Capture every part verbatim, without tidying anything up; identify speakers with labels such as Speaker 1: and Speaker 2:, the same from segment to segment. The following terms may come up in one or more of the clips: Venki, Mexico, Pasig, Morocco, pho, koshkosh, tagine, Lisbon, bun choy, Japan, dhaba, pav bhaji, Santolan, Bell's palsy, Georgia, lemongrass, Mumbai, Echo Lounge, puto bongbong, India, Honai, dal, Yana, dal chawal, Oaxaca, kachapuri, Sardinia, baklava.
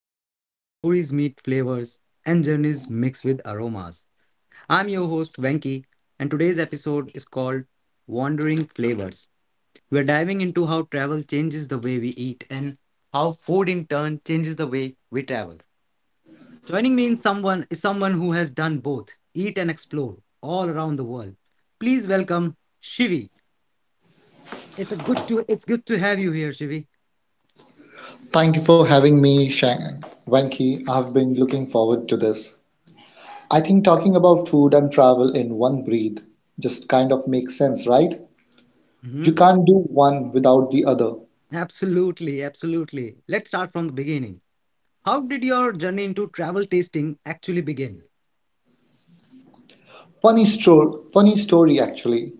Speaker 1: podcast where stories meet flavors and journeys mix with aromas. I'm your host Venki, and today's episode is called Wandering Flavors. We're diving into how travel changes the way we eat and how food in turn changes the way we travel. Joining me in someone is someone who has done both, eat and explore all around the world. Please welcome Shivi. It's a good to it's good to have you here, Shivi.
Speaker 2: Thank you for having me, Shang- Venki. I've been looking forward to this. I think talking about food and travel in one breath just kind of makes sense, right? You
Speaker 1: Mhm.
Speaker 2: can't do one without the other.
Speaker 1: Absolutely, absolutely. Let's start from the beginning. How did your journey into travel tasting actually begin?
Speaker 2: Funny story, funny story actually.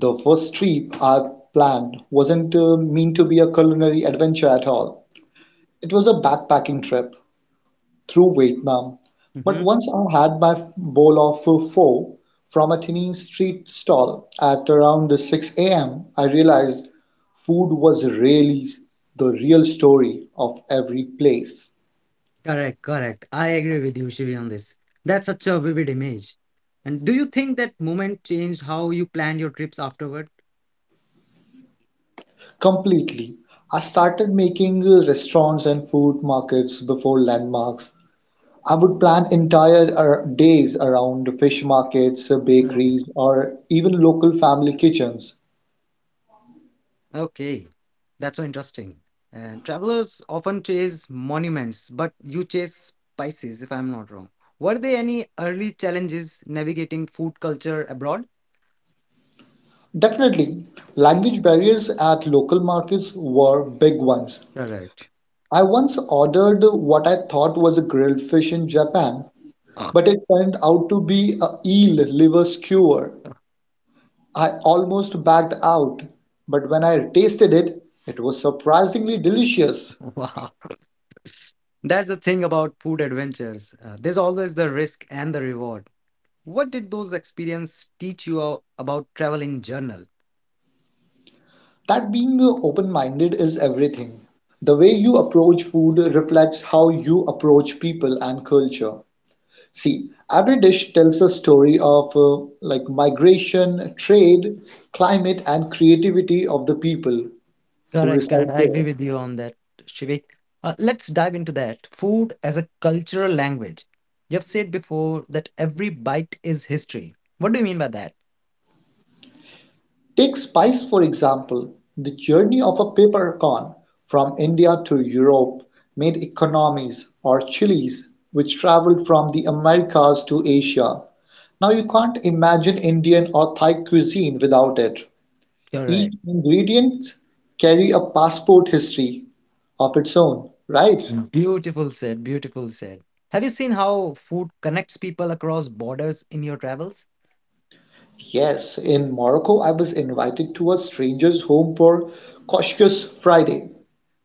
Speaker 2: The first trip I planned wasn't uh, meant to be a culinary adventure at all. It was a backpacking trip through Vietnam, but
Speaker 1: Hmm.
Speaker 2: once I had my bowl of pho pho from a tiny street stall at around six a m. I realized food was really the real story of every place.
Speaker 1: Correct, correct. I agree with you, Shivi, on this. That's such a vivid image. And do you think that moment changed how you planned your trips afterward?
Speaker 2: Completely. I started making restaurants and food markets before landmarks. I would plan entire ar- days around fish markets,
Speaker 1: Okay,
Speaker 2: bakeries, or even local family kitchens.
Speaker 1: okay, that's so interesting. And travelers often chase monuments, but you chase spices, if I'm not wrong. Were there any early challenges navigating food culture abroad?
Speaker 2: Definitely, language barriers at local markets were big ones.
Speaker 1: Correct.
Speaker 2: I once ordered what I thought was a grilled fish in Japan, but it turned out to be a eel liver skewer. I almost backed out, but when I tasted it, it was surprisingly delicious.
Speaker 1: Wow. That's the thing about food adventures. Uh, there's always the risk and the reward. What did those experiences teach you a- about traveling journal?
Speaker 2: That being open-minded is everything. The way you approach food reflects how you approach people and culture. See, every dish tells a story of uh, like migration, trade, climate, and creativity of the people who
Speaker 1: Correct, correct.
Speaker 2: reside
Speaker 1: I agree
Speaker 2: there.
Speaker 1: with you on that, Shivik. Uh, let's dive into that. Food as a cultural language. You've said before that every bite is history. What do you mean by that?
Speaker 2: Take spice, for example. The journey of a peppercorn from India to Europe made economies, or chilies which traveled from the Americas to Asia. Now you can't imagine Indian or Thai cuisine without it. Each
Speaker 1: Correct.
Speaker 2: ingredient carry a passport history of its own, right?
Speaker 1: Mm. Beautiful said, beautiful said. Have you seen how food connects people across borders in your travels?
Speaker 2: Yes, in Morocco, I was invited to a stranger's home for Couscous Friday.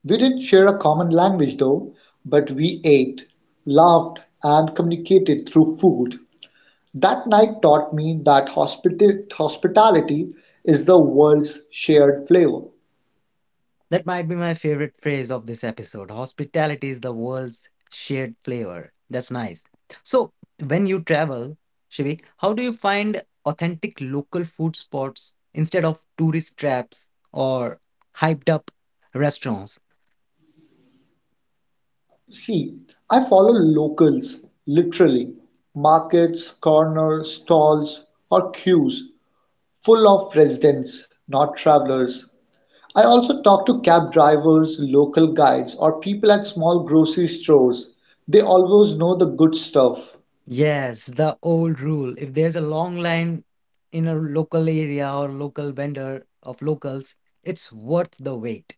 Speaker 2: We didn't share a common language though, but we ate, laughed, and communicated through food. That night taught me that hospita- hospitality is the world's shared flavor.
Speaker 1: That might be my favorite phrase of this episode. Hospitality is the world's shared flavor. That's nice. So, when you travel, Shivi, how do you find authentic local food spots instead of tourist traps or hyped up restaurants?
Speaker 2: See, I follow locals, literally. Markets, corners, stalls, or queues full of residents, not travelers. I also talk to cab drivers, local guides, or people at small grocery stores. They always know the good stuff.
Speaker 1: Yes, the old rule. If there's a long line in a local area or local vendor of locals, it's worth the wait.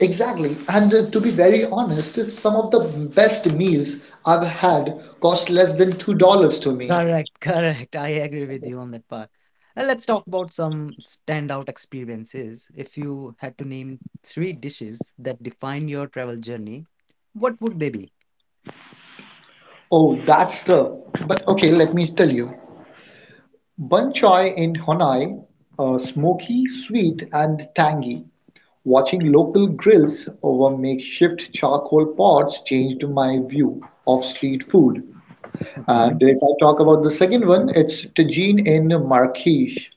Speaker 2: Exactly. And uh, to be very honest, some of the best meals I've had cost less than two dollars to me.
Speaker 1: Correct, correct. I agree with you on that part. Uh, let's talk about some standout experiences. If you had to name three dishes that define your travel journey, what would they be?
Speaker 2: Oh, that's tough. But okay, let me tell you. Bun choy in Honai, uh, smoky, sweet, and tangy. Watching local grills over makeshift charcoal pots changed my view of street food. And
Speaker 1: Mhm.
Speaker 2: if I talk about the second one, it's tagine in Marrakesh,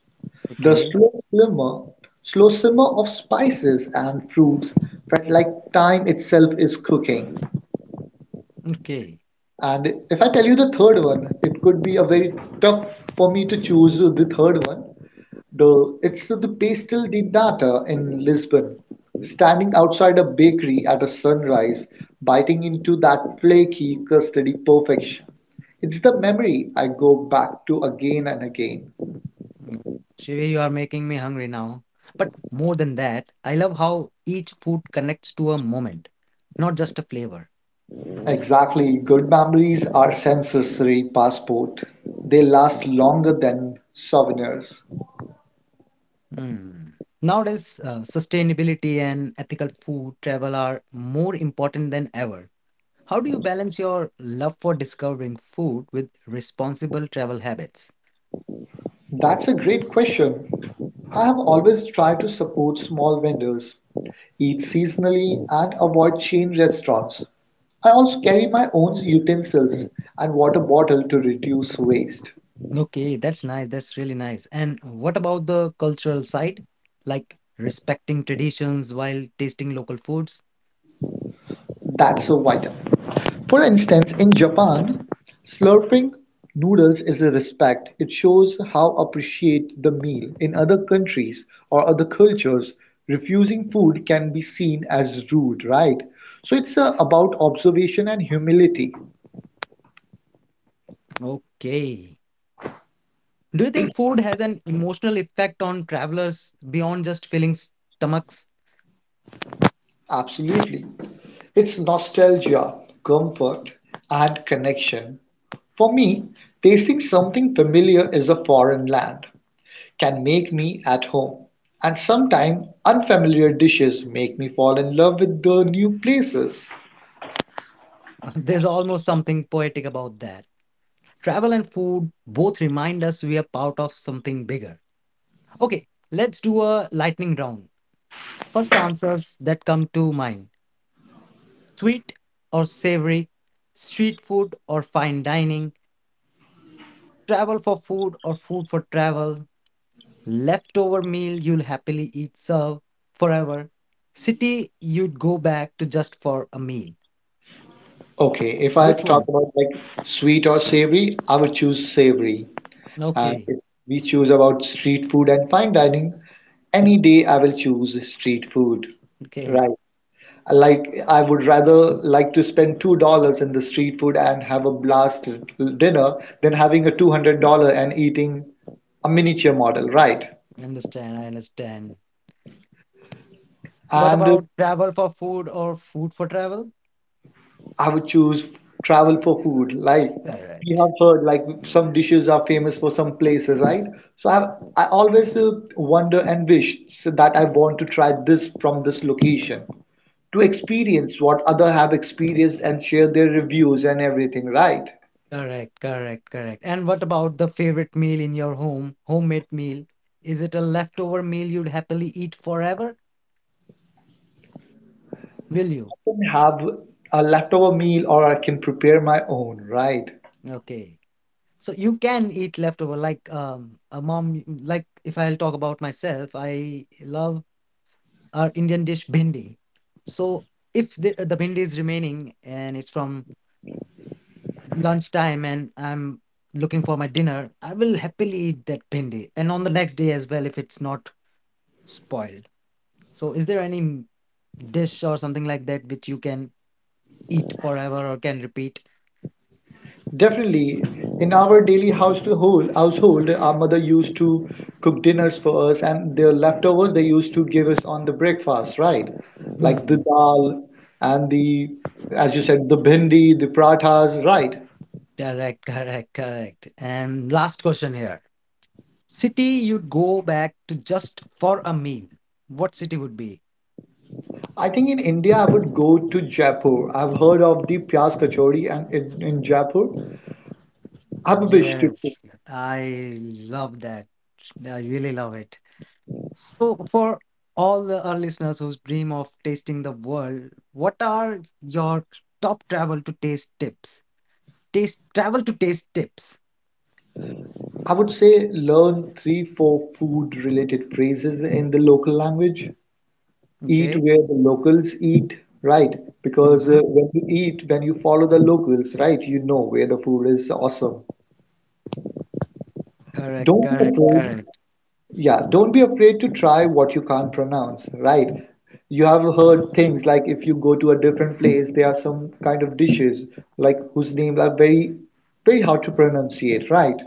Speaker 2: the
Speaker 1: Okay,
Speaker 2: slow simmer, slow simmer of spices and fruits, felt like time itself is cooking.
Speaker 1: okay.
Speaker 2: And if I tell you the third one, it could be a very tough for me to choose the third one. The It's the Pastel di Nata in Lisbon, standing outside a bakery at a sunrise, biting into that flaky, custardy perfection. It's the memory I go back to again and again.
Speaker 1: Mm. Shivi, you are making me hungry now. But more than that, I love how each food connects to a moment, not just a flavor.
Speaker 2: Exactly, good memories are sensory passport. They last longer than souvenirs.
Speaker 1: Hmm. Nowadays, uh, sustainability and ethical food travel are more important than ever. How do you balance your love for discovering food with responsible travel habits?
Speaker 2: That's a great question. I have always tried to support small vendors, eat seasonally, and avoid chain restaurants. I also carry my own utensils and water bottle to reduce waste.
Speaker 1: Okay, that's nice. That's really nice. And what about the cultural side? Like respecting traditions while tasting local foods?
Speaker 2: That's so vital. For instance, in Japan, slurping noodles is a respect. It shows how appreciate the meal. In other countries or other cultures, refusing food can be seen as rude, right? So it's uh, about observation and humility.
Speaker 1: Okay. Do you think food has an emotional effect on travelers beyond just filling stomachs?
Speaker 2: Absolutely. It's nostalgia, comfort, and connection. For me, tasting something familiar is a foreign land, can make me at home. And sometimes unfamiliar dishes make me fall in love with the new places.
Speaker 1: There's almost something poetic about that. Travel and food both remind us we are part of something bigger. Okay, let's do a lightning round. First answers that come to mind, sweet or savory, street food or fine dining, travel for food or food for travel, leftover meal you'll happily eat, serve forever, city you'd go back to just for a meal.
Speaker 2: Okay, if I
Speaker 1: Which
Speaker 2: talk
Speaker 1: one?
Speaker 2: about like sweet or savory, I would choose savory. And
Speaker 1: Okay,
Speaker 2: if we choose about street food and fine dining, any day I will choose street food.
Speaker 1: okay,
Speaker 2: Right. I like I would rather like to spend two dollars in the street food and have a blast dinner than having a two hundred dollar and eating a miniature model, right?
Speaker 1: I understand, I understand. What
Speaker 2: And uh,
Speaker 1: about travel for food or food for travel?
Speaker 2: I would choose travel for food. Like
Speaker 1: All
Speaker 2: we
Speaker 1: right.
Speaker 2: have heard, like some dishes are famous for some places, right? So I I always uh, wonder and wish so that I want to try this from this location to experience what other have experienced and share their reviews and everything, right?
Speaker 1: Correct, correct, correct. And what about the favorite meal in your home, homemade meal? Is it a leftover meal you'd happily eat forever? Will you?
Speaker 2: I can have a leftover meal or I can prepare my own, right?
Speaker 1: Okay. So you can eat leftover like um a mom, like if I'll talk about myself, I love our Indian dish bhindi. So if the, the bhindi is remaining and it's from lunchtime and I'm looking for my dinner, I will happily eat that bhindi and on the next day as well if it's not spoiled. So is there any dish or something like that which you can eat forever or can repeat.
Speaker 2: Definitely, in our daily household, household, our mother used to cook dinners for us, and the leftovers they used to give us on the breakfast, right? Like the
Speaker 1: Hmm.
Speaker 2: dal and the, as you said, the bhindi, the parathas, right?
Speaker 1: Correct, correct, correct. And last question here. City you'd go back to just for a meal. What city would be?
Speaker 2: I think in India, I would go to Jaipur. I've heard of the Pyaz Kachori, and in, in Jaipur, I have a wish to cook.
Speaker 1: Yes, I love that. I really love it. So for all the, our listeners whose dream of tasting the world, what are your top travel to taste tips? Taste travel to taste tips.
Speaker 2: I would say learn three, four food-related phrases in the local language. Eat
Speaker 1: Okay.
Speaker 2: where the locals eat, right? Because
Speaker 1: Mm-hmm.
Speaker 2: uh, when you eat, when you follow the locals, right, you know where the food is awesome.
Speaker 1: Correct,
Speaker 2: Don't be
Speaker 1: correct,
Speaker 2: afraid.
Speaker 1: correct.
Speaker 2: Yeah, don't be afraid to try what you can't pronounce, right? You have heard things like if you go to a different place, there are some kind of dishes like whose names are very, very hard to pronunciate, right?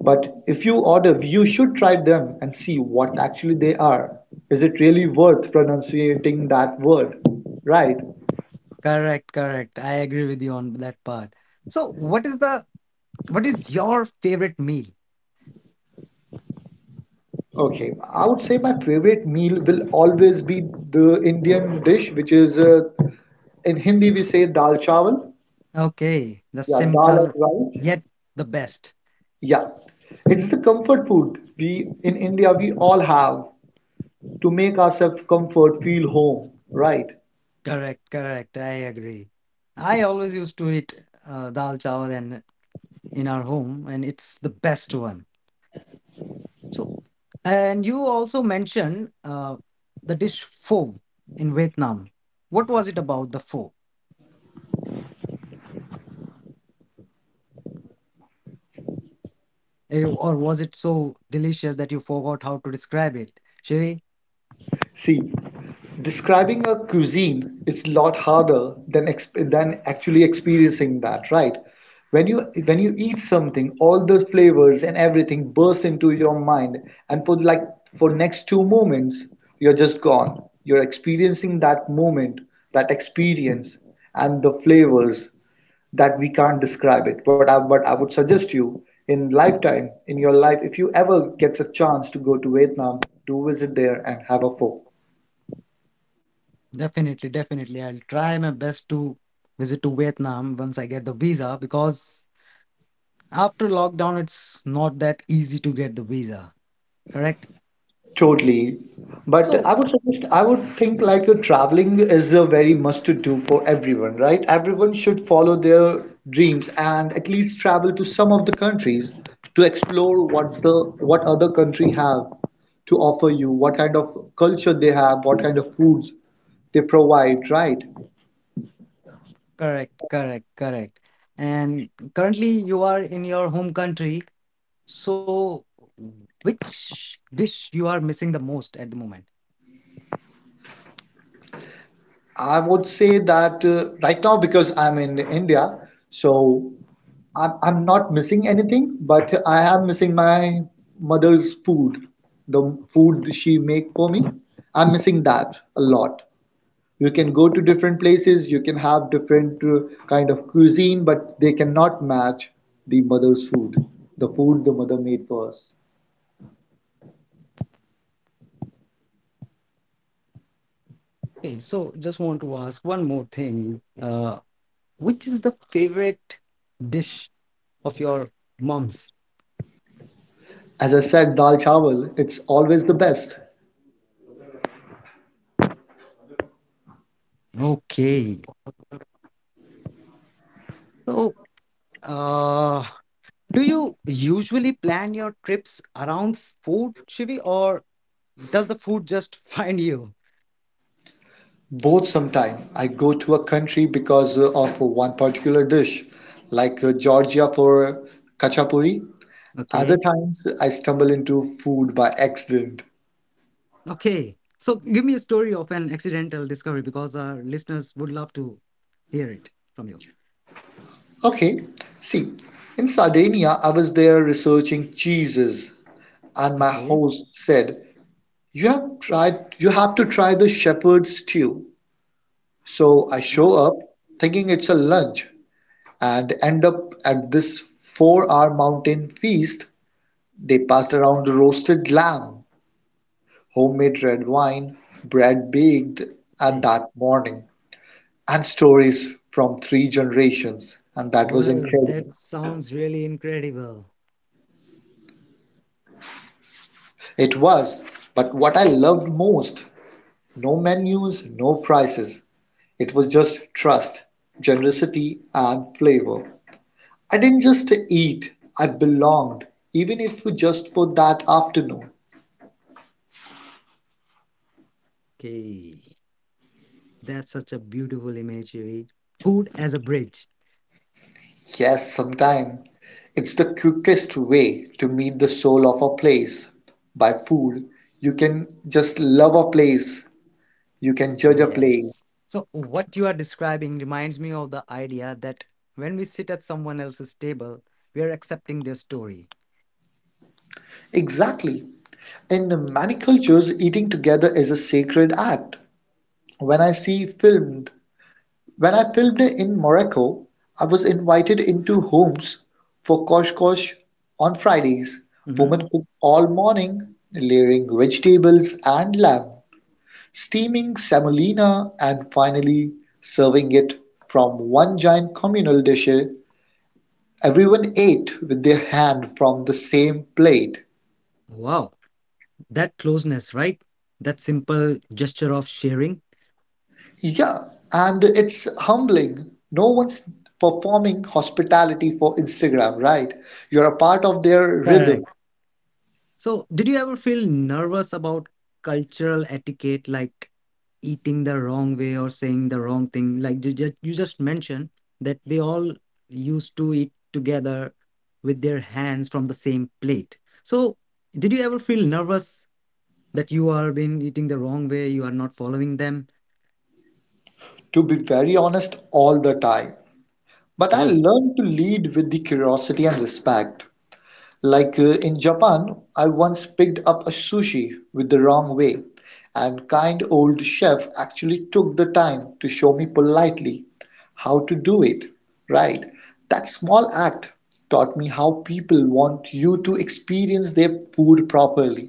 Speaker 2: But if you order, you should try them and see what actually they are. Is it really worth pronunciating that word, right?
Speaker 1: Correct, correct. I agree with you on that part. So, what is the what is your favorite meal?
Speaker 2: Okay, I would say my favorite meal will always be the Indian dish, which is uh, in Hindi we say dal chawal.
Speaker 1: Okay, the
Speaker 2: Yeah, dal
Speaker 1: simple
Speaker 2: and rice.
Speaker 1: yet the best.
Speaker 2: Yeah, it's the comfort food we in India we all have to make ourselves comfort, feel home, right?
Speaker 1: Correct, correct. I agree. I always used to eat uh, dal chawal and in our home, and it's the best one. So, and you also mentioned uh, the dish pho in Vietnam. What was it about the pho? Eh, or was it so delicious that you forgot how to describe it? Shivi?
Speaker 2: See, describing a cuisine is a lot harder than exp than actually experiencing that, right? When you when you eat something, all the flavors and everything burst into your mind, and for like for next two moments, you're just gone. You're experiencing that moment, that experience, and the flavors that we can't describe it. But I, but I would suggest you in lifetime, in your life, if you ever gets a chance to go to Vietnam, do visit there and have a pho.
Speaker 1: Definitely, definitely. I'll try my best to visit to Vietnam once I get the visa because after lockdown, it's not that easy to get the visa. Correct?
Speaker 2: Totally. But
Speaker 1: So,
Speaker 2: I would suggest, I would think like uh, traveling is a very must to do for everyone, right? Everyone should follow their dreams and at least travel to some of the countries to explore what's the what other country have to offer you, what kind of culture they have, what kind of foods they provide, right?
Speaker 1: correct, correct, correct. And currently, you are in your home country. So, which dish you are missing the most at the moment?
Speaker 2: I would say that uh, right now, because I'm in India, so I'm, I'm not missing anything, but I am missing my mother's food, the food she make for me. I'm missing that a lot. You can go to different places, you can have different uh, kind of cuisine, but they cannot match the mother's food, the food the mother made for us.
Speaker 1: Okay, so just want to ask one more thing. Uh, which is the favorite dish of your mom's?
Speaker 2: As I said, dal chawal, it's always the best.
Speaker 1: Okay. So. Uh, do you usually plan your trips around food, Shivi, or does the food just find you?
Speaker 2: Both sometime. I go to a country because uh, of one particular dish, like uh, Georgia for kachapuri. Other
Speaker 1: Okay,
Speaker 2: times I stumble into food by accident.
Speaker 1: okay. So give me a story of an accidental discovery because our listeners would love to hear it from you.
Speaker 2: Okay, see, in Sardinia, I was there researching cheeses, and my
Speaker 1: Okay,
Speaker 2: host said, "You have tried, you have to try the shepherd's stew." So I
Speaker 1: mm,
Speaker 2: show up thinking it's a lunch and end up at this four-hour mountain feast. They passed around roasted lamb, homemade red wine, bread baked at
Speaker 1: okay.
Speaker 2: that morning, and stories from three generations, and that was
Speaker 1: Well, that
Speaker 2: incredible.
Speaker 1: sounds really incredible.
Speaker 2: It was, but what I loved most, no menus, no prices. It was just trust, generosity, and flavor. I didn't just eat, I belonged, even if just for that afternoon.
Speaker 1: Okay, that's such a beautiful image, Shivi. Food as a bridge.
Speaker 2: Yes, sometime. It's the quickest way to meet the soul of a place. By food, you can just love a place, you can judge a
Speaker 1: Yes.
Speaker 2: place.
Speaker 1: So, what you are describing reminds me of the idea that when we sit at someone else's table, we are accepting their story.
Speaker 2: Exactly. In many cultures, eating together is a sacred act. When I see filmed, when I filmed in Morocco, I was invited into homes for koshkosh on Fridays.
Speaker 1: Mhm.
Speaker 2: Women cook all morning, layering vegetables and lamb, steaming semolina and finally serving it from one giant communal dish. Everyone ate with their hand from the same plate.
Speaker 1: Wow, that closeness, right? That simple gesture of sharing.
Speaker 2: Yeah, and it's humbling. No one's performing hospitality for Instagram, right? You're a part of their rhythm.
Speaker 1: Correct. So, did you ever feel nervous about cultural etiquette, like eating the wrong way or saying the wrong thing? Like you just, you just mentioned that they all used to eat together with their hands from the same plate. So, did you ever feel nervous that you are being eating the wrong way, you are not following them?
Speaker 2: To be very honest, all the time. But I
Speaker 1: Okay.
Speaker 2: learned to lead with the curiosity and respect. Like uh, in Japan, I once picked up a sushi with the wrong way, and kind old chef actually took the time to show me politely how to do it right. That small act taught me how people want you to experience their food properly.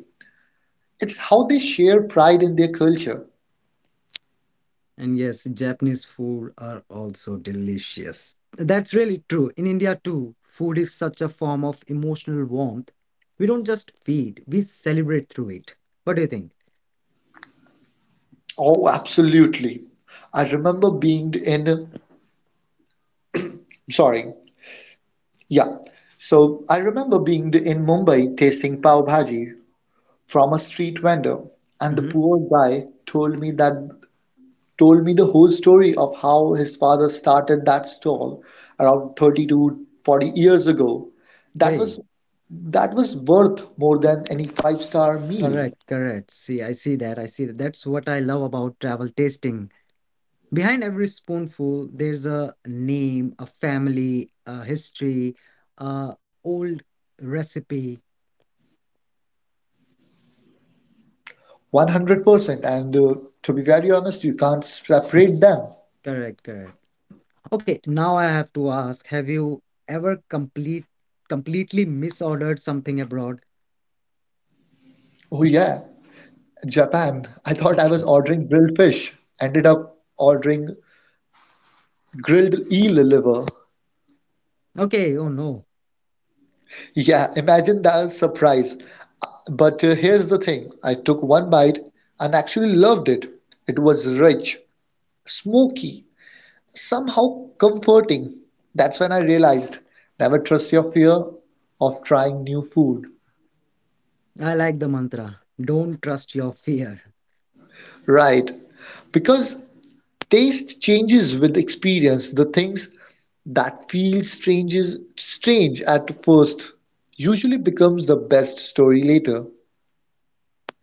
Speaker 2: It's how they share pride in their culture.
Speaker 1: And yes, Japanese food are also delicious. That's really true. In India, too, food is such a form of emotional warmth. We don't just feed, we celebrate through it. What do you think?
Speaker 2: Oh, absolutely. I remember being in, sorry, yeah. So I remember being in Mumbai tasting pav bhaji from a street vendor, and the
Speaker 1: Hmm.
Speaker 2: poor guy told me that told me the whole story of how his father started that stall around thirty to forty years ago. That was
Speaker 1: Hey,
Speaker 2: that was worth more than any five-star meal.
Speaker 1: correct, correct. See, I see that. I see that. That's what I love about travel tasting. Behind every spoonful, there's a name, a family, a history, a old recipe.
Speaker 2: one hundred percent. And uh, to be very honest, you can't separate them.
Speaker 1: Correct, correct. Okay, now I have to ask, have you ever complete completely misordered something abroad?
Speaker 2: Oh yeah, Japan. I thought I was
Speaker 1: Okay.
Speaker 2: ordering grilled fish, ended up ordering grilled eel liver.
Speaker 1: Okay, oh no.
Speaker 2: Yeah, imagine that surprise. But uh, here's the thing, I took one bite and actually loved it. It was rich, smoky, somehow comforting. That's when I realized never trust your fear of trying new food.
Speaker 1: I like the mantra. Don't trust your fear.
Speaker 2: Right, because taste changes with experience. The things that feel strange, is strange at first usually becomes the best story later.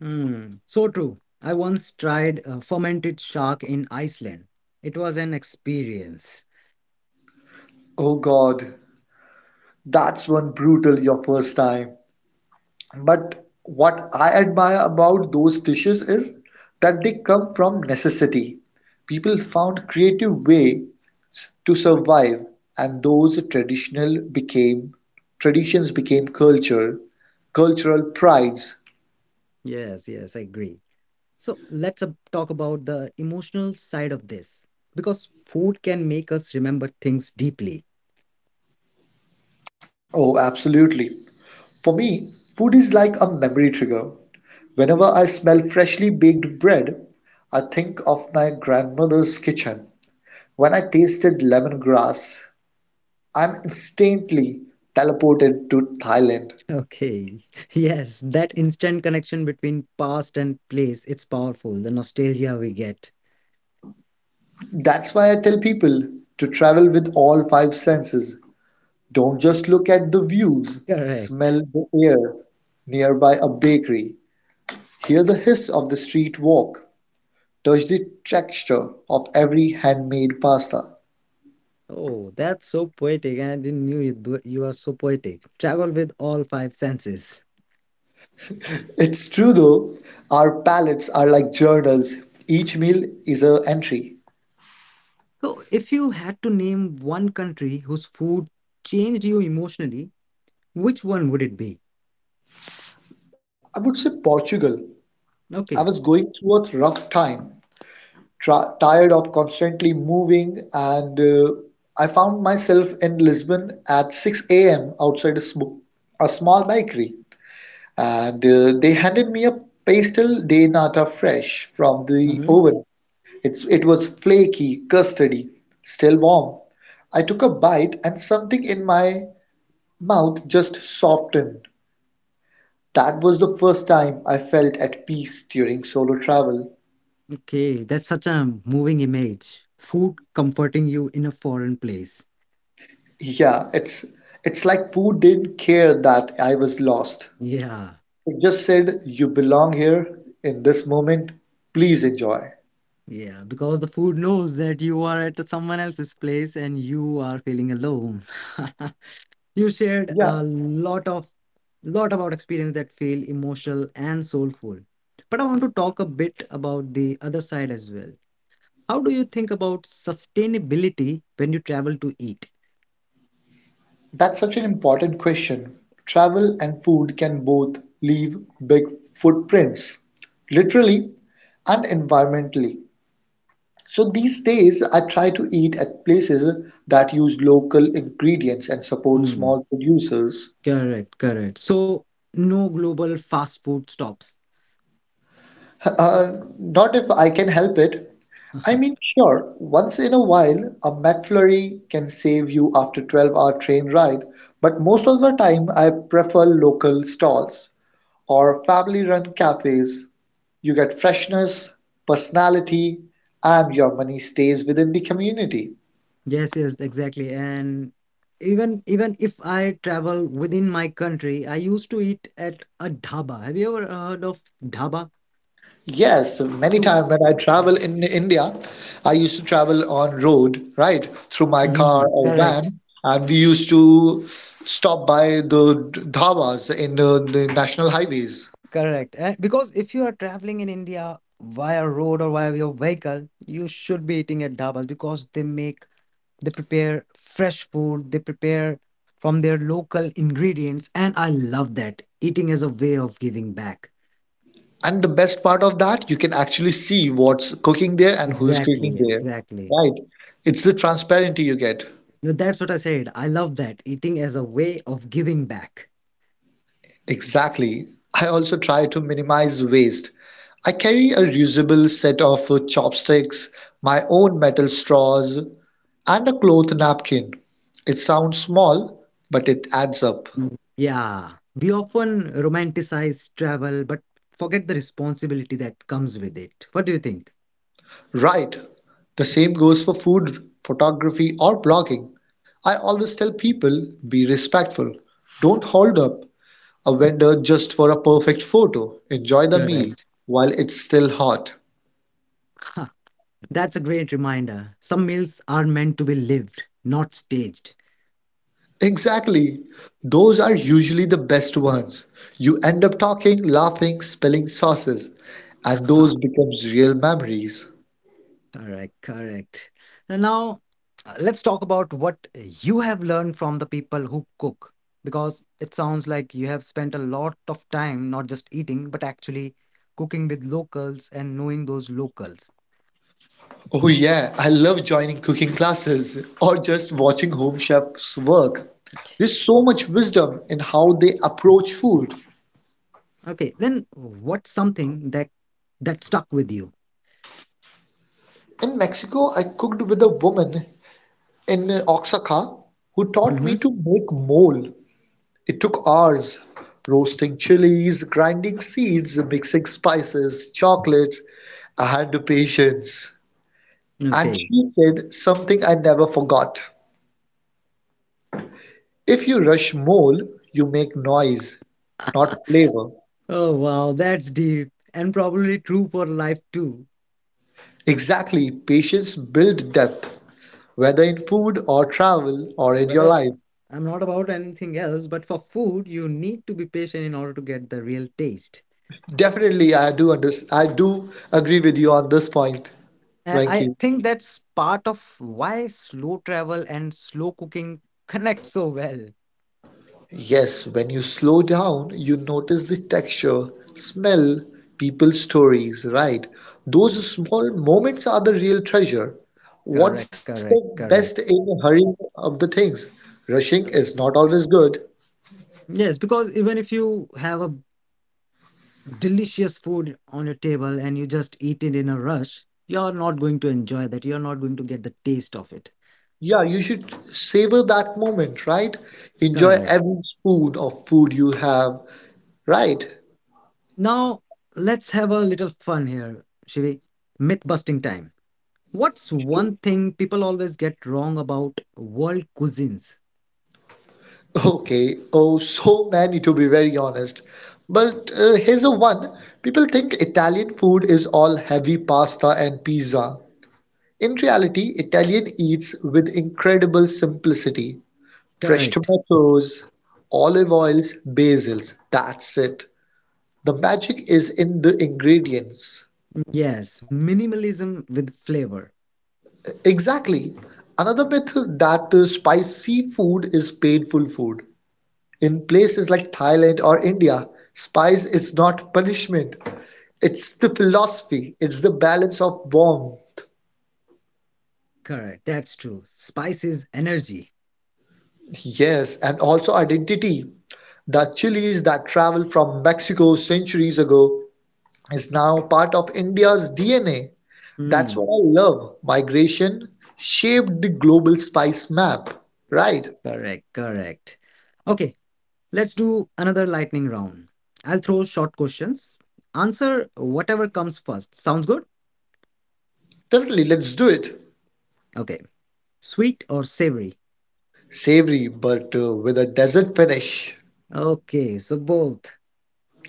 Speaker 1: Hmm, so true. I once tried uh, fermented shark in Iceland. It was an experience.
Speaker 2: Oh God, that's one brutal your first time. But what I admire about those dishes is that they come from necessity. People found creative ways to survive, and those traditional became traditions became culture, cultural prides.
Speaker 1: Yes, yes, I agree. So let's uh, talk about the emotional side of this because food can make us remember things deeply.
Speaker 2: Oh, absolutely. For me, food is like a memory trigger. Whenever I smell freshly baked bread, I think of my grandmother's kitchen. When I tasted lemongrass, I'm instantly teleported to Thailand.
Speaker 1: Okay. Yes, that instant connection between past and place, it's powerful, the nostalgia we get.
Speaker 2: That's why I tell people to travel with all five senses. Don't just look at the views, smell
Speaker 1: Correct.
Speaker 2: the air nearby a bakery, hear the hiss of the street walk, touch the texture of every handmade pasta.
Speaker 1: Oh, that's so poetic. I didn't knew you, do- you are so poetic. Travel with all five senses.
Speaker 2: It's true though, our palates are like journals. Each meal is an entry.
Speaker 1: So, if you had to name one country whose food changed you emotionally, which one would it be?
Speaker 2: I would say Portugal. I was
Speaker 1: Okay.
Speaker 2: going through a rough time tra- tired of constantly moving, and uh, I found myself in Lisbon at six a m outside a, sm- a small bakery, and uh, they handed me a pastel de nata fresh from the
Speaker 1: Hmm.
Speaker 2: oven. It's, it was flaky, custardy, still warm. I took a bite, and something in my mouth just softened. That was the first time I felt at peace during solo travel.
Speaker 1: Okay, that's such a moving image. Food comforting you in a foreign place.
Speaker 2: Yeah, it's it's like food didn't care that I was lost.
Speaker 1: Yeah.
Speaker 2: It just said, "You belong here in this moment. Please enjoy."
Speaker 1: Yeah, because the food knows that you are at someone else's place and you are feeling alone. You shared
Speaker 2: Yeah,
Speaker 1: a lot of lot about experience that feel emotional and soulful. But I want to talk a bit about the other side as well. How do you think about sustainability when you travel to eat?
Speaker 2: that's such an important question. Travel and food can both leave big footprints, literally and environmentally. So these days, I try to eat at places that use local ingredients and support
Speaker 1: Mm,
Speaker 2: small producers.
Speaker 1: correct, correct. So no global fast food stops.
Speaker 2: Uh, not if I can help it. I mean, sure, once in a while a McFlurry can save you after twelve-hour train ride, but most of the time I prefer local stalls or family-run cafes. You get freshness, personality, and your money stays within the community.
Speaker 1: Yes, yes, exactly. And even even if I travel within my country, I used to eat at a dhaba. Have you ever heard of dhaba?
Speaker 2: Yes, many
Speaker 1: So,
Speaker 2: times when I travel in India, I used to travel on road, right, through my car
Speaker 1: mhm,
Speaker 2: or
Speaker 1: correct,
Speaker 2: van, and we used to stop by the dhabas in uh, the national highways.
Speaker 1: correct. And because if you are traveling in India via road or via your vehicle, you should be eating at dhabas because they make they prepare fresh food, they prepare from their local ingredients, and I love that. Eating as a way of giving back.
Speaker 2: And the best part of that, you can actually see what's cooking there and who's cooking
Speaker 1: Exactly,
Speaker 2: there,
Speaker 1: exactly.
Speaker 2: right? It's the transparency you get.
Speaker 1: No, that's what I said. I love that. Eating as a way of giving back.
Speaker 2: Exactly. I also try to minimize waste. I carry a reusable set of uh, chopsticks, my own metal straws, and a cloth napkin. It sounds small, but it adds up.
Speaker 1: Mm. Yeah. We often romanticize travel, but forget the responsibility that comes with it. What do you think?
Speaker 2: Right. The same goes for food, photography, or blogging. I always tell people be respectful. Don't hold up a vendor just for a perfect photo. Enjoy the meal
Speaker 1: Correct.
Speaker 2: while it's still hot.
Speaker 1: Ha, that's a great reminder. Some meals are meant to be lived, not staged.
Speaker 2: Exactly. Those are usually the best ones. You end up talking, laughing, spilling sauces, and those
Speaker 1: Ha,
Speaker 2: becomes real memories.
Speaker 1: correct, correct. And now uh, let's talk about what you have learned from the people who cook, because it sounds like you have spent a lot of time not just eating, but actually cooking with locals and knowing those locals.
Speaker 2: Oh yeah, I love joining cooking classes or just watching home chefs work. There's so much wisdom in how they approach food.
Speaker 1: Okay, then what's something that that stuck with you?
Speaker 2: In Mexico, I cooked with a woman in Oaxaca who taught me
Speaker 1: Hmm.
Speaker 2: to make mole. It took hours, roasting chilies, grinding seeds, mixing spices, chocolates, and patience. And
Speaker 1: Okay.
Speaker 2: she said something I never forgot. If you rush mole, you make noise, not flavor.
Speaker 1: Oh wow, that's deep and probably true for life too.
Speaker 2: Exactly. Patience builds depth, whether in food or travel or
Speaker 1: Yeah,
Speaker 2: in your
Speaker 1: whether
Speaker 2: life.
Speaker 1: I'm not about anything else, but for food, you need to be patient in order to get the real taste.
Speaker 2: Definitely, I do under I do agree with you on this point,
Speaker 1: And I
Speaker 2: Venki.
Speaker 1: think that's part of why slow travel and slow cooking connect so well.
Speaker 2: Yes, when you slow down, you notice the texture, smell, people's stories, right? Those small moments are the real treasure.
Speaker 1: Correct,
Speaker 2: What's the
Speaker 1: correct,
Speaker 2: best
Speaker 1: correct.
Speaker 2: in hurrying up the things? Rushing is not always good.
Speaker 1: Yes, because even if you have a delicious food on your table and you just eat it in a rush, you're not going to enjoy that. You're not going to get the taste of it.
Speaker 2: Yeah, you should savor that moment, right? Enjoy
Speaker 1: Correct.
Speaker 2: every spoon of food you have, right?
Speaker 1: Now, let's have a little fun here, Shivi. Myth busting time. What's one thing people always get wrong about world cuisines?
Speaker 2: Okay, oh, so many to be very honest. But uh, here's a one. People think Italian food is all heavy pasta and pizza. In reality, Italian eats with incredible simplicity. Fresh
Speaker 1: Correct.
Speaker 2: tomatoes, olive oils, basils, that's it. The magic is in the ingredients.
Speaker 1: Yes, minimalism with flavor.
Speaker 2: Exactly. Another myth that uh, spicy food is painful food. In places like Thailand or India, spice is not punishment. It's the philosophy, it's the balance of warmth,
Speaker 1: Correct. That's true. Spice is energy.
Speaker 2: yes, and also identity. The chilies that traveled from Mexico centuries ago is now part of India's D N A. That's what
Speaker 1: Hmm.
Speaker 2: I love. Migration shaped the global spice map, right?
Speaker 1: Correct. Correct. Correct. Okay, let's do another lightning round. I'll throw short questions. Answer whatever comes first. Sounds good?
Speaker 2: Definitely, let's do it.
Speaker 1: Okay. Sweet or savory?
Speaker 2: Savory, but uh, with a desert finish.
Speaker 1: Okay, so both.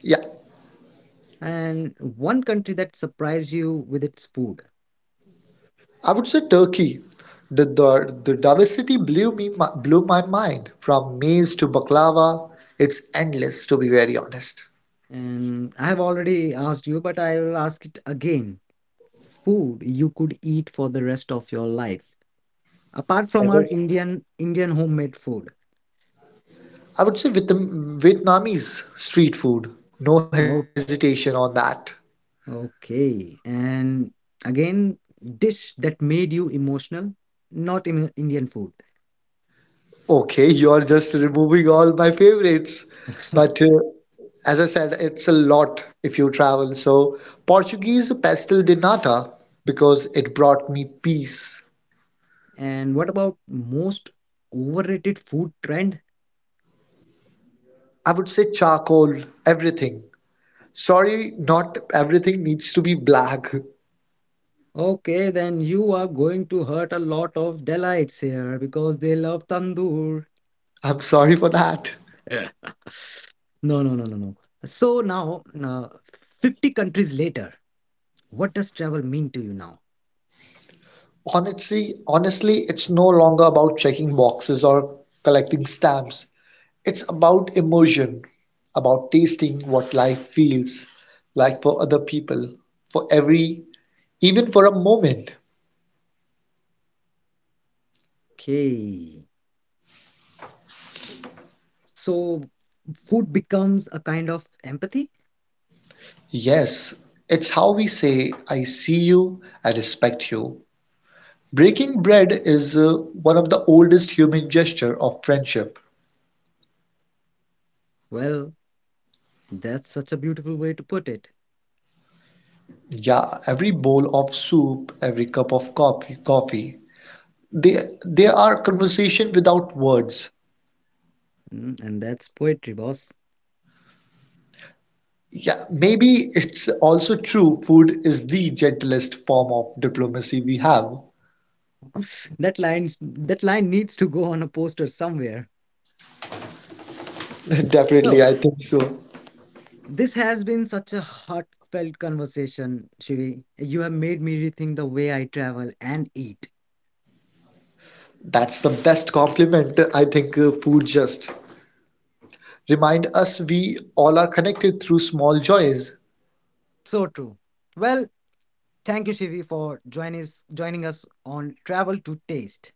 Speaker 2: Yeah,
Speaker 1: And one country that surprised you with its food.
Speaker 2: I would say Turkey. The, the, the diversity blew me mi- blew my mind from maize to baklava. It's endless, to be very honest.
Speaker 1: And I have already asked you, but I will ask it again. Food you could eat for the rest of your life, apart
Speaker 2: As
Speaker 1: from
Speaker 2: I
Speaker 1: our
Speaker 2: said,
Speaker 1: Indian Indian homemade food.
Speaker 2: I would say Vietnam, Vietnamese street food. No
Speaker 1: No,
Speaker 2: hesitation on that.
Speaker 1: okay. And again, dish that made you emotional, not in Indian food.
Speaker 2: Okay, you're just removing all my favorites. But uh, as I said, it's a lot if you travel. So, Portuguese pastel de nata because it brought me peace.
Speaker 1: And what about most overrated food trend?
Speaker 2: I would say charcoal, everything. Sorry, not everything needs to be black.
Speaker 1: Okay, then you are going to hurt a lot of delights here because they love tandoor.
Speaker 2: I'm sorry for that.
Speaker 1: No, no, no, no, no. So now, uh, fifty countries later, what does travel mean to you now?
Speaker 2: Honestly, honestly, it's no longer about checking boxes or collecting stamps. It's about immersion, about tasting what life feels like for other people, for every, even for a moment.
Speaker 1: Okay. So food becomes a kind of empathy?
Speaker 2: Yes, it's how we say, I see you, I respect you. Breaking bread is uh, one of the oldest human gesture of friendship.
Speaker 1: Well, that's such a beautiful way to put it.
Speaker 2: Yeah, every bowl of soup, every cup of coffee, coffee, they they are conversation without words.
Speaker 1: Mm, and that's poetry, boss.
Speaker 2: Yeah, maybe it's also true food is the gentlest form of diplomacy we have.
Speaker 1: That line's that line needs to go on a poster somewhere.
Speaker 2: Definitely,
Speaker 1: So
Speaker 2: I think so.
Speaker 1: this has been such a heartfelt conversation, Shivi. You have made me rethink the way I travel and eat.
Speaker 2: That's the best compliment I think uh, food just remind us we all are connected through small joys.
Speaker 1: So true. Well, thank you, Shivi, for join us, joining us on Travel to Taste.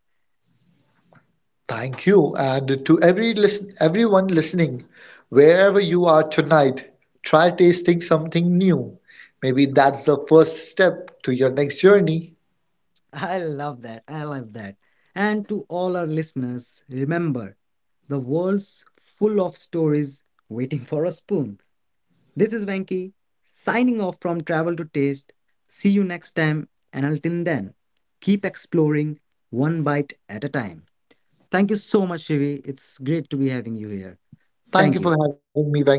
Speaker 2: Thank you. And to every listen, everyone listening, wherever you are tonight, try tasting something new. Maybe that's the first step to your next journey.
Speaker 1: I love that. I love that. And to all our listeners, remember the world's full of stories waiting for a spoon. This is Venki signing off from Travel to Taste. See you next time. And until then, keep exploring one bite at a time. Thank you so much, Shivi. It's great to be having you here.
Speaker 2: Thank you
Speaker 1: Thank
Speaker 2: for
Speaker 1: you.
Speaker 2: having me, Venki.